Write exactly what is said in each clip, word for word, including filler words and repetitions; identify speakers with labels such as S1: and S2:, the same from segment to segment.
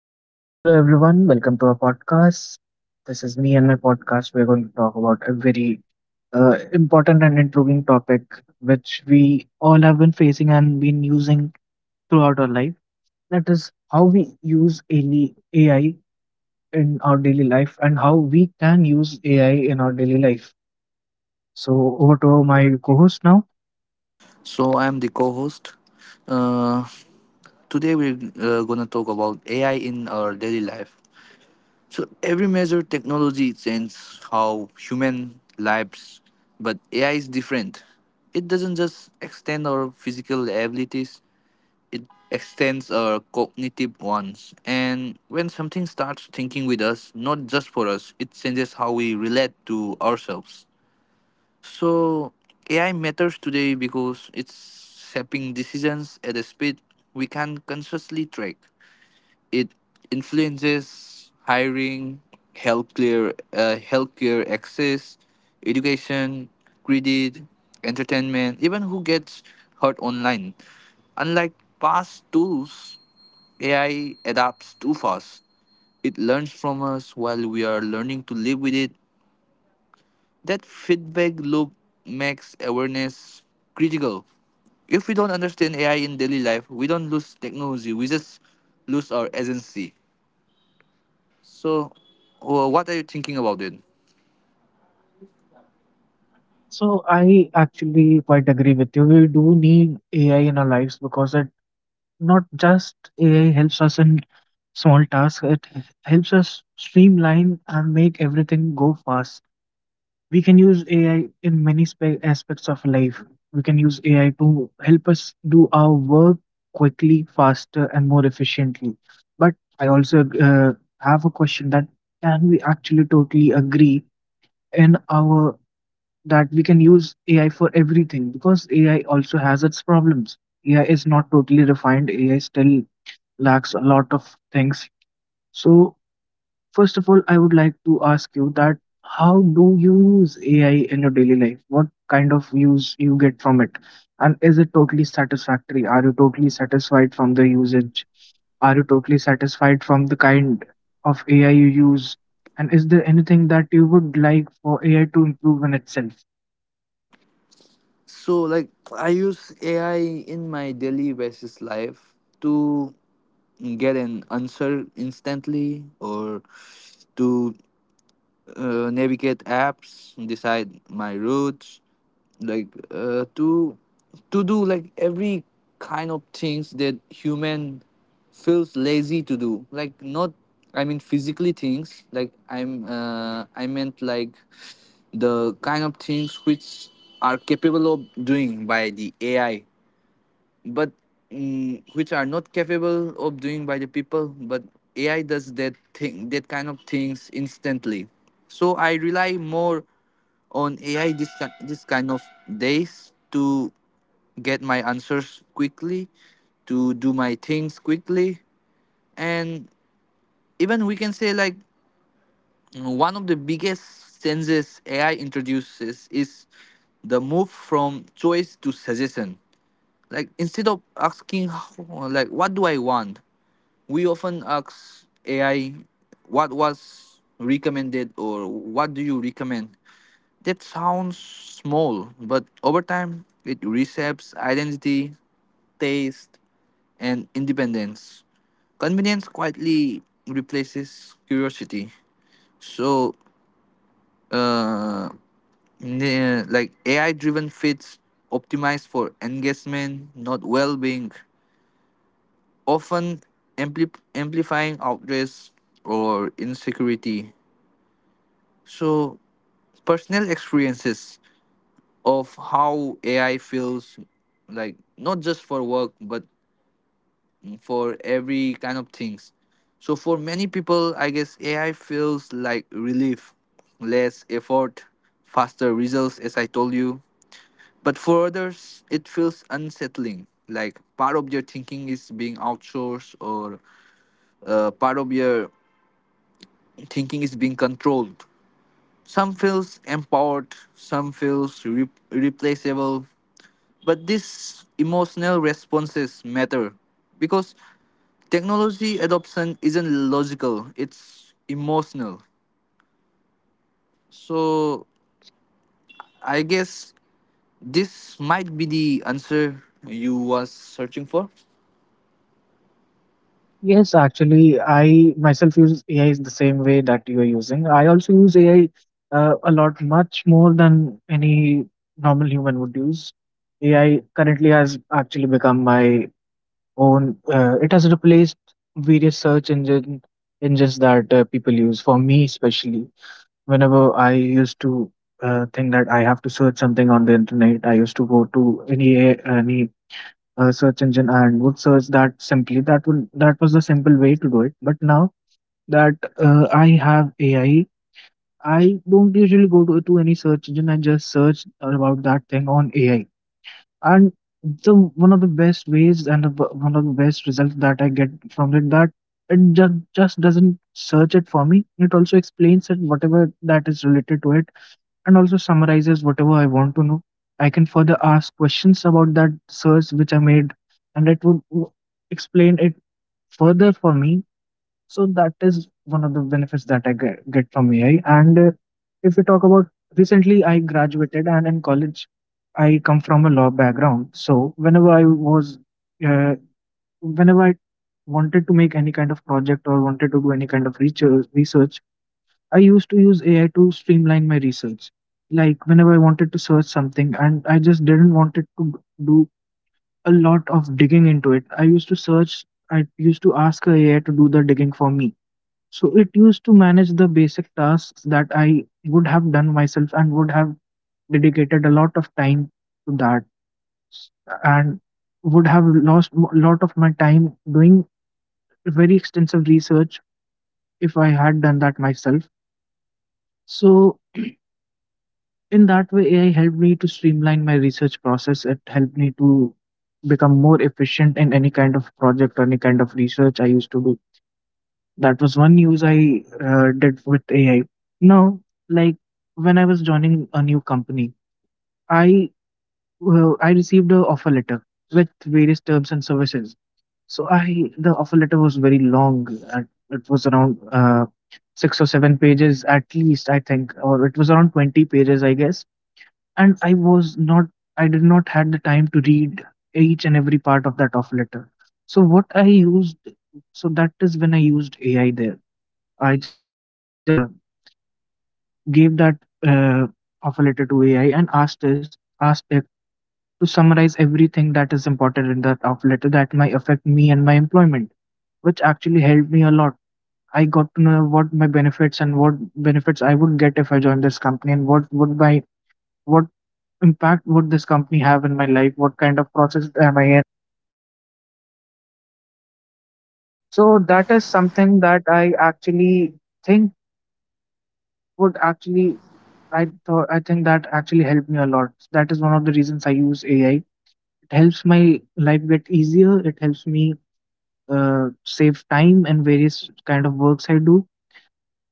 S1: So, hello everyone, welcome to our podcast. This is me and my podcast. We're going to talk about a very uh, important and intriguing topic which we all have been facing and been using throughout our life. That is how we use A I A I in our daily life and how we can use A I in our daily life. So, over to my co host now.
S2: So I'm the co-host. Uh, Today we're uh, gonna talk about A I in our daily life. So every major technology changes how human lives, but A I is different. It doesn't just extend our physical abilities; it extends our cognitive ones. And when something starts thinking with us, not just for us, it changes how we relate to ourselves. So A I matters today because it's shaping decisions at a speed we can consciously track. It influences hiring, healthcare, uh, healthcare access, education, credit, entertainment, even who gets hurt online. Unlike past tools, A I adapts too fast. It learns from us while we are learning to live with it. That feedback loop makes awareness critical. If we don't understand A I in daily life, we don't lose technology, we just lose our agency. So, wh- what are you thinking about it?
S1: So, I actually quite agree with you. We do need A I in our lives because it not just A I helps us in small tasks, it helps us streamline and make everything go fast. We can use A I in many spe- aspects of life. We can use A I to help us do our work quickly, faster, and more efficiently. But I also uh, have a question that can we actually totally agree in our that we can use A I for everything because A I also has its problems. A I is not totally refined. A I still lacks a lot of things. So, first of all, I would like to ask you that how do you use A I in your daily life? What kind of use you get from it? And is it totally satisfactory? Are you totally satisfied from the usage? Are you totally satisfied from the kind of A I you use? And is there anything that you would like for A I to improve in itself?
S2: So, like, I use A I in my daily basis life to get an answer instantly, or to uh, navigate apps, decide my routes, like uh, to to do like every kind of things that human feels lazy to do. Like not, I mean physically things. Like I'm, uh, I meant like the kind of things which are capable of doing by the A I, but mm, which are not capable of doing by the people, but ai does that thing, that kind of things instantly. So I rely more on ai this, ki- this kind of days to get my answers quickly, to do my things quickly. And even we can say, like, mm, one of the biggest changes ai introduces is the move from choice to suggestion. Like instead of asking, "How- like what do I want, we often ask A I what was recommended, or what do you recommend? That sounds small, but over time it reshapes identity, taste, and independence. Convenience quietly replaces curiosity. So, uh, ne- like A I driven feeds optimized for engagement, not well being, often ampli- amplifying outrage or insecurity. So personal experiences of how ai feels, like, not just for work but for every kind of things. So for many people I guess ai feels like relief, less effort, faster results, as I told you. But for others it feels unsettling, like part of your thinking is being outsourced, or uh, part of your thinking is being controlled. Some feels empowered, some feels re- replaceable. But these emotional responses matter because technology adoption isn't logical, it's emotional. So I guess this might be the answer you was searching for.
S1: Yes, actually, I myself use A I in the same way that you are using. I also use A I uh, a lot, much more than any normal human would use. A I currently has actually become my own. Uh, it has replaced various search engine engines that uh, people use. For me, especially, whenever I used to uh, think that I have to search something on the internet, I used to go to any A- any uh, search engine and would search that simply that would that was the simple way to do it. But now that uh, i have ai i I don't usually go to, to any search engine. I just search about that thing on AI, and the one of the best ways and the, one of the best results that I get from it, that it just, just doesn't search it for me, it also explains it, whatever that is related to it, and also summarizes whatever I want to know. I can further ask questions about that search which I made, and it would w- explain it further for me. So that is one of the benefits that I get, get from A I. And uh, if we talk about recently, I graduated, and in college, I come from a law background. So whenever I was, uh, whenever I wanted to make any kind of project or wanted to do any kind of research, research I used to use A I to streamline my research. Like whenever I wanted to search something and I just didn't want it to do a lot of digging into it, I used to search, I used to ask a AI to do the digging for me. So it used to manage the basic tasks that I would have done myself and would have dedicated a lot of time to that, and would have lost a lot of my time doing very extensive research if I had done that myself. So in that way, AI helped me to streamline my research process. It helped me to become more efficient in any kind of project or any kind of research I used to do. That was one use I uh, did with AI. Now, like, when I was joining a new company, i uh, i received a offer letter with various terms and services. So i the offer letter was very long, and it was around uh, six or seven pages at least I think, or it was around twenty pages I guess. And I was not I did not had the time to read each and every part of that offer letter. So what I used so that is when I used A I there. I just uh, gave that uh, offer letter to A I and asked is asked it to summarize everything that is important in that offer letter that might affect me and my employment, which actually helped me a lot. I got to know what my benefits and what benefits I would get if I joined this company, and what would my what impact would this company have in my life. What kind of process am I in? So that is something that I actually think would actually I thought I think that actually helped me a lot. That is one of the reasons I use A I. It helps my life get easier. It helps me uh, save time in various kind of works I do,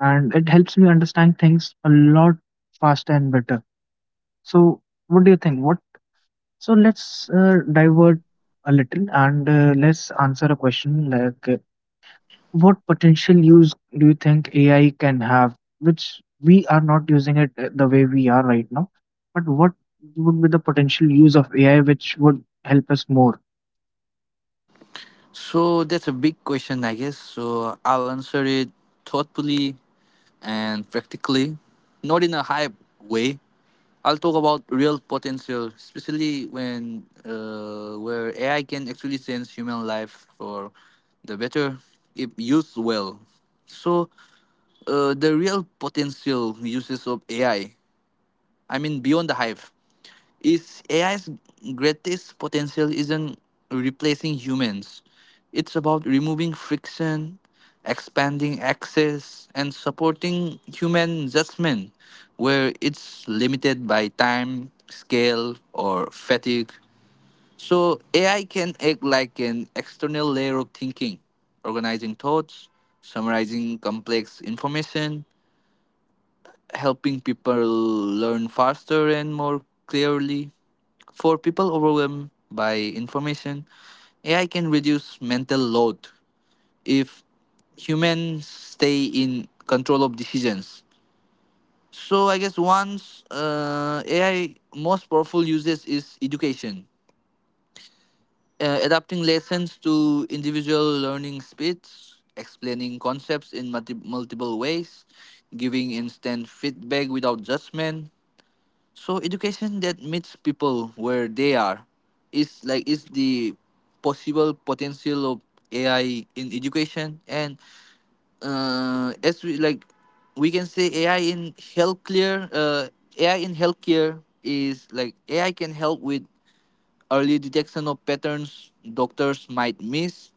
S1: and it helps me understand things a lot faster and better. So what do you think? What so let's uh, divert a little, and uh, let's answer a question like, uh, what potential use do you think A I can have, which we are not using it uh, the way we are right now? But what would be the potential use of A I which would help us more?
S2: So that's a big question, I guess. So I'll answer it thoughtfully and practically, not in a hype way. I'll talk about real potential, especially when uh, where A I can actually change human life for the better if used well. So uh, the real potential uses of A I. I I mean beyond the hype is A I's greatest potential isn't replacing humans. It's about removing friction, expanding access, and supporting human judgment where it's limited by time, scale, or fatigue. So A I can act like an external layer of thinking, organizing thoughts, summarizing complex information, helping people learn faster and more clearly. For people overwhelmed by information, A I can reduce mental load if humans stay in control of decisions. So I guess once uh, A I most powerful uses is education, uh, adapting lessons to individual learning speeds, explaining concepts in multi- multiple ways, giving instant feedback without judgment. So education that meets people where they are is like is the possible potential of A I in education. And uh, as we like, we can say A I in healthcare. uh, A I in healthcare is like A I can help with early detection of patterns doctors might miss,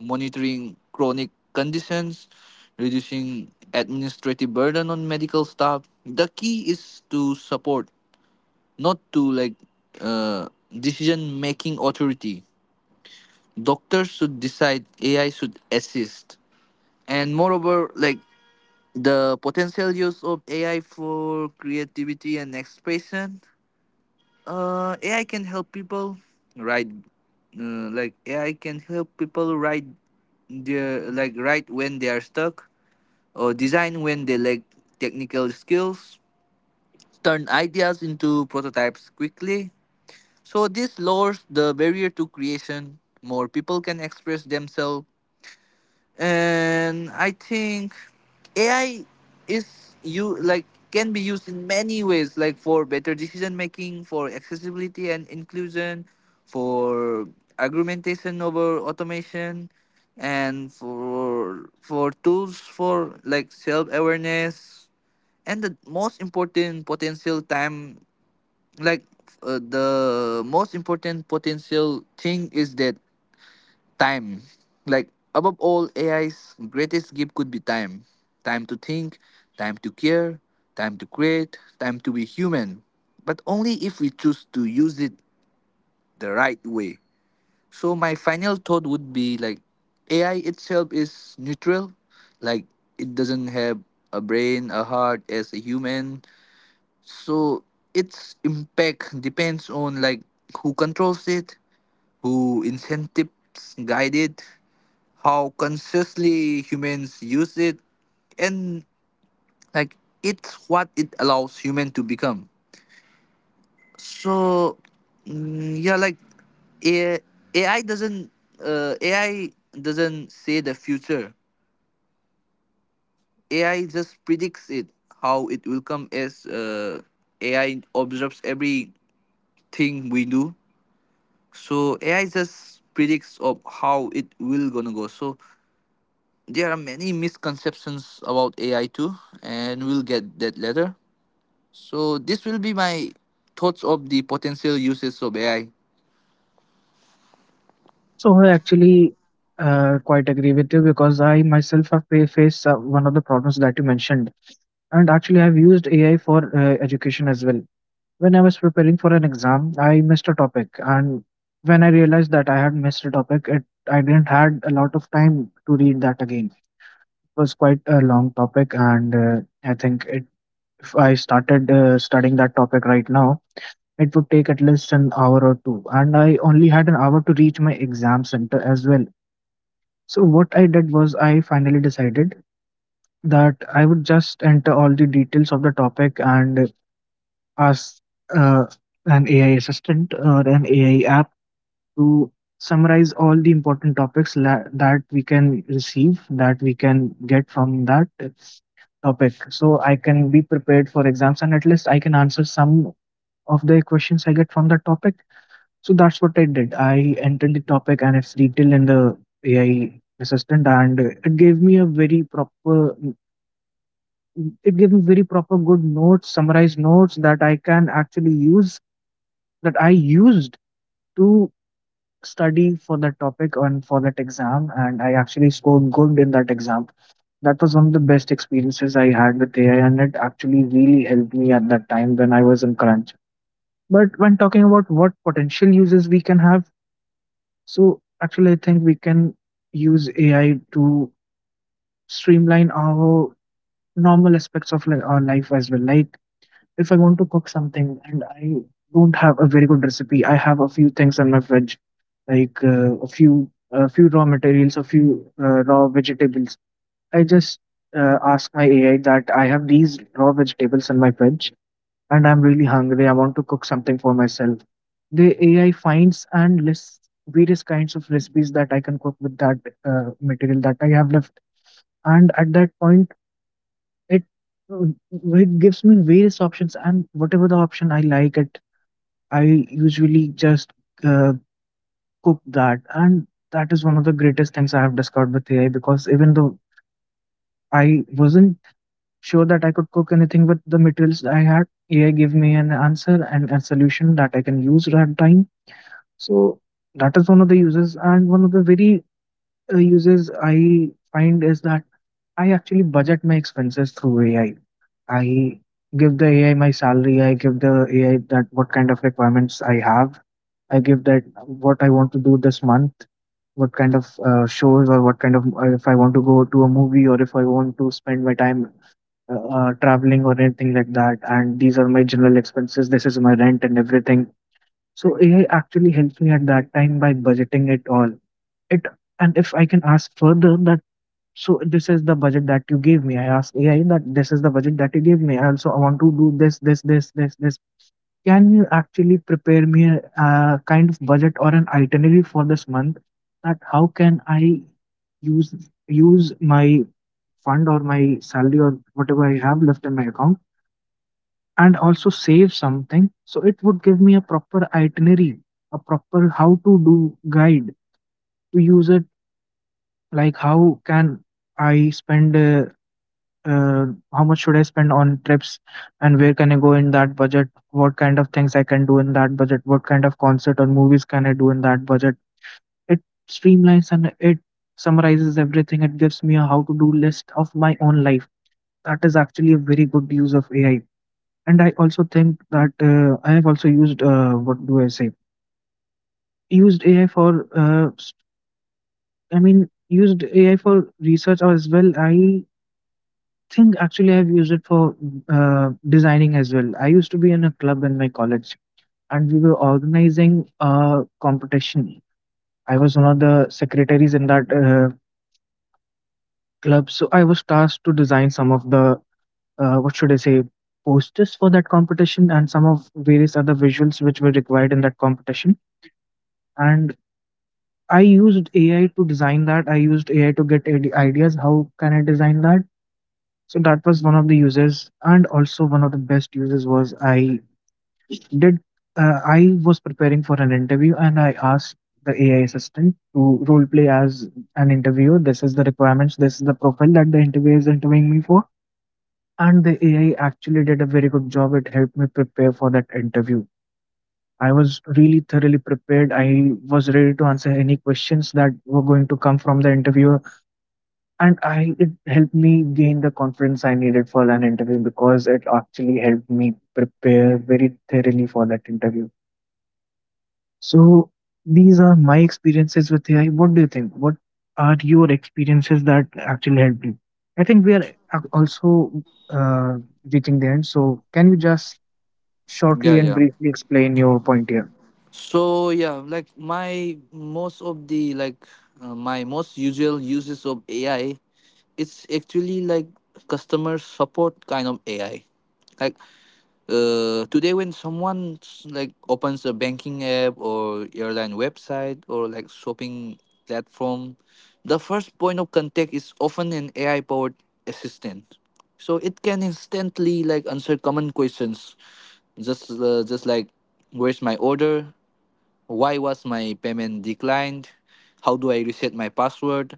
S2: monitoring chronic conditions, reducing administrative burden on medical staff. The key is to support, not to like, uh, decision making authority. Doctors should decide, A I should assist. And moreover, like the potential use of A I for creativity and expression, uh, A I can help people write, uh, like A I can help people write their like write when they are stuck, or design when they lack technical skills, turn ideas into prototypes quickly. So this lowers the barrier to creation. More people can express themselves, and I think A I is, you like, can be used in many ways, like for better decision making, for accessibility and inclusion, for argumentation over automation, and for for tools for like self awareness. And the most important potential time, like uh, the most important potential thing is that time. Like above all ai's greatest gift could be time. Time to think, time to care, time to create, time to be human, but only if we choose to use it the right way. So my final thought would be like ai itself is neutral. Like it doesn't have a brain, a heart as a human. So its impact depends on like who controls it, who incentives guide it, how consciously humans use it, and like it's what it allows human to become. So mm, yeah, like A- ai doesn't uh, ai doesn't say the future, ai just predicts it. How it will come, as uh, ai observes everything we do. So ai just predicts of how it will gonna go. So there are many misconceptions about ai too, and we'll get that later. So this will be my thoughts of the potential uses of ai.
S1: So I actually uh, quite agree with you because I myself have fa- faced uh, one of the problems that you mentioned, and actually I've used A I for uh, education as well. When I was preparing for an exam, I missed a topic, and when I realized that I had missed a topic, it I didn't had a lot of time to read that again. Was quite a long topic, and uh, I think it, if I started uh, studying that topic right now, it would take at least an hour or two. And I only had an hour to reach my exam center as well. So, what I did was, I finally decided that I would just enter all the details of the topic and ask uh, an A I assistant or an A I app to summarize all the important topics, la- that we can receive, that we can get from that uh, topic. So I can be prepared for exams, and at least I can answer some of the questions I get from that topic. So that's what I did. I entered the topic and it's detailed in the A I assistant, and it gave me a very proper it gave me very proper good notes, summarized notes that I can actually use that I used to study for that topic and for that exam, and I actually scored good in that exam. That was one of the best experiences I had with A I, and it actually really helped me at that time when I was in crunch. But when talking about what potential uses we can have, so actually, I think we can use A I to streamline our normal aspects of like our life as well. Like if I want to cook something and I don't have a very good recipe, I have a few things in my fridge, like uh, a few a few raw materials, a few uh, raw vegetables. I just uh, ask my A I that I have these raw vegetables in my fridge and I'm really hungry. I want to cook something for myself. The A I finds and lists various kinds of recipes that I can cook with that uh, material that I have left, and at that point it uh, it gives me various options, and whatever the option I like it, I usually just uh, cook that. And that is one of the greatest things I have discovered with A I, because even though I wasn't sure that I could cook anything with the materials I had, A I gave me an answer and a solution that I can use at time. So that is one of the uses. And one of the very uh, uses I find is that I actually budget my expenses through AI. I give the A I my salary. I give the A I that what kind of requirements I have. I give that what I want to do this month, what kind of uh, shows, or what kind of uh, if I want to go to a movie, or if I want to spend my time uh, uh, traveling or anything like that. And these are my general expenses. This is my rent and everything. So A I actually helps me at that time by budgeting it all. It and if I can ask further, that so this is the budget that you gave me. I asked A I that this is the budget that you gave me. I also want to do this, this, this, this, this. Can you actually prepare me a, uh kind of budget or an itinerary for this month? That how can I use use my fund or my salary or whatever I have left in my account, and also save something. So it would give me a proper itinerary, a proper how to do guide to use it. Like how can I spend uh, uh, how much should I spend on trips, and where can I go in that budget? What kind of things I can do in that budget? What kind of concert or movies can I do in that budget? It streamlines and it summarizes everything. It gives me a how to do list of my own life. That is actually a very good use of A I. And I also think that uh, I have also used uh, what do I say? Used A I for uh, s- I mean used A I for research as well. I think actually I've used it for uh, designing as well. I used to be in a club in my college, and we were organizing a competition. I was one of the secretaries in that uh, club, so I was tasked to design some of the uh, what should I say posters for that competition and some of various other visuals which were required in that competition. And I used A I to design that. I used A I to get ide- ideas. How can I design that? So that was one of the uses. And also one of the best uses was I did uh, I was preparing for an interview, and I asked the A I assistant to role play as an interviewer. This is the requirements. This is the profile that the interviewer is interviewing me for. And the A I actually did a very good job. It helped me prepare for that interview. I was really thoroughly prepared. I was ready to answer any questions that were going to come from the interviewer, and I it helped me gain the confidence I needed for an interview because it actually helped me prepare very thoroughly for that interview. So these are my experiences with A I. What do you think? What are your experiences that actually helped you? I think we are ac- also uh, reaching the end. So can you just shortly
S2: yeah
S1: and
S2: yeah
S1: briefly explain your point here?
S2: so yeah, like my most of the like uh, my most usual uses of ai, it's actually like customer support kind of ai. Like. Uh, today when someone s- like opens a banking app or airline website or like shopping platform, the first point of contact is often an ai powered assistant. So it can instantly like answer common questions, just uh, just like, where's my order, why was my payment declined, how do I reset my password,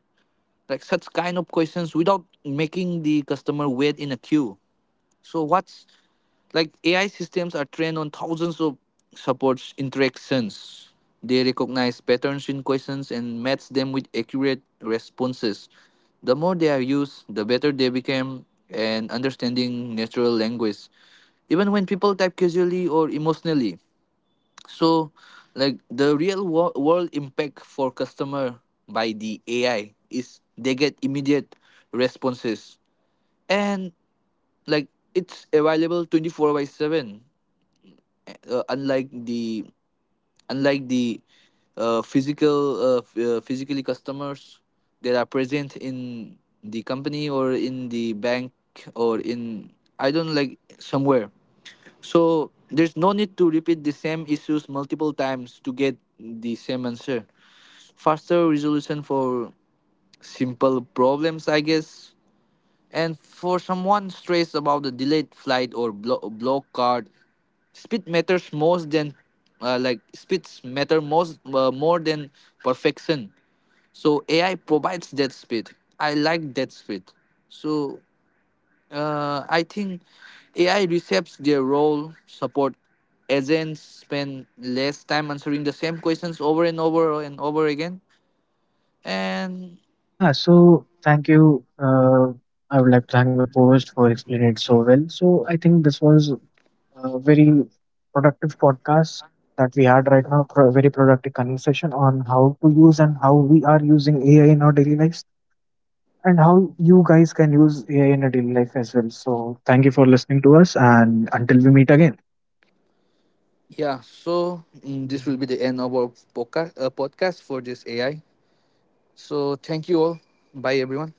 S2: like such kind of questions without making the customer wait in a queue. So what's like A I systems are trained on thousands of supports interactions. They recognize patterns in questions and match them with accurate responses. The more they are used, the better they become and understanding natural language, even when people type casually or emotionally. So, like the real wo- world impact for customer by the A I is they get immediate responses, and like it's available twenty-four by seven, uh, unlike the unlike the uh, physical uh, f- uh, physically customers that are present in the company or in the bank, or in, I don't like, somewhere. So there's no need to repeat the same issues multiple times to get the same answer. Faster resolution for simple problems, I guess. And for someone stressed about the delayed flight or blo- block card, speed matters most than uh, like speeds matter most uh, more than perfection. So A I provides that speed. I like that speed. So uh, I think A I reshapes their role. Support agents spend less time answering the same questions over and over and over again, and
S1: Yeah. So thank you. Uh, I would like to thank my co-host for explaining it so well. So I think this was a very productive podcast that we had right now. Pro- very productive conversation on how to use and how we are using A I in our daily lives, and how you guys can use A I in a daily life as well. So, thank you for listening to us, and until we meet again.
S2: yeah, so mm, this will be the end of our podcast, uh, podcast for this A I. So thank you all. Bye, everyone.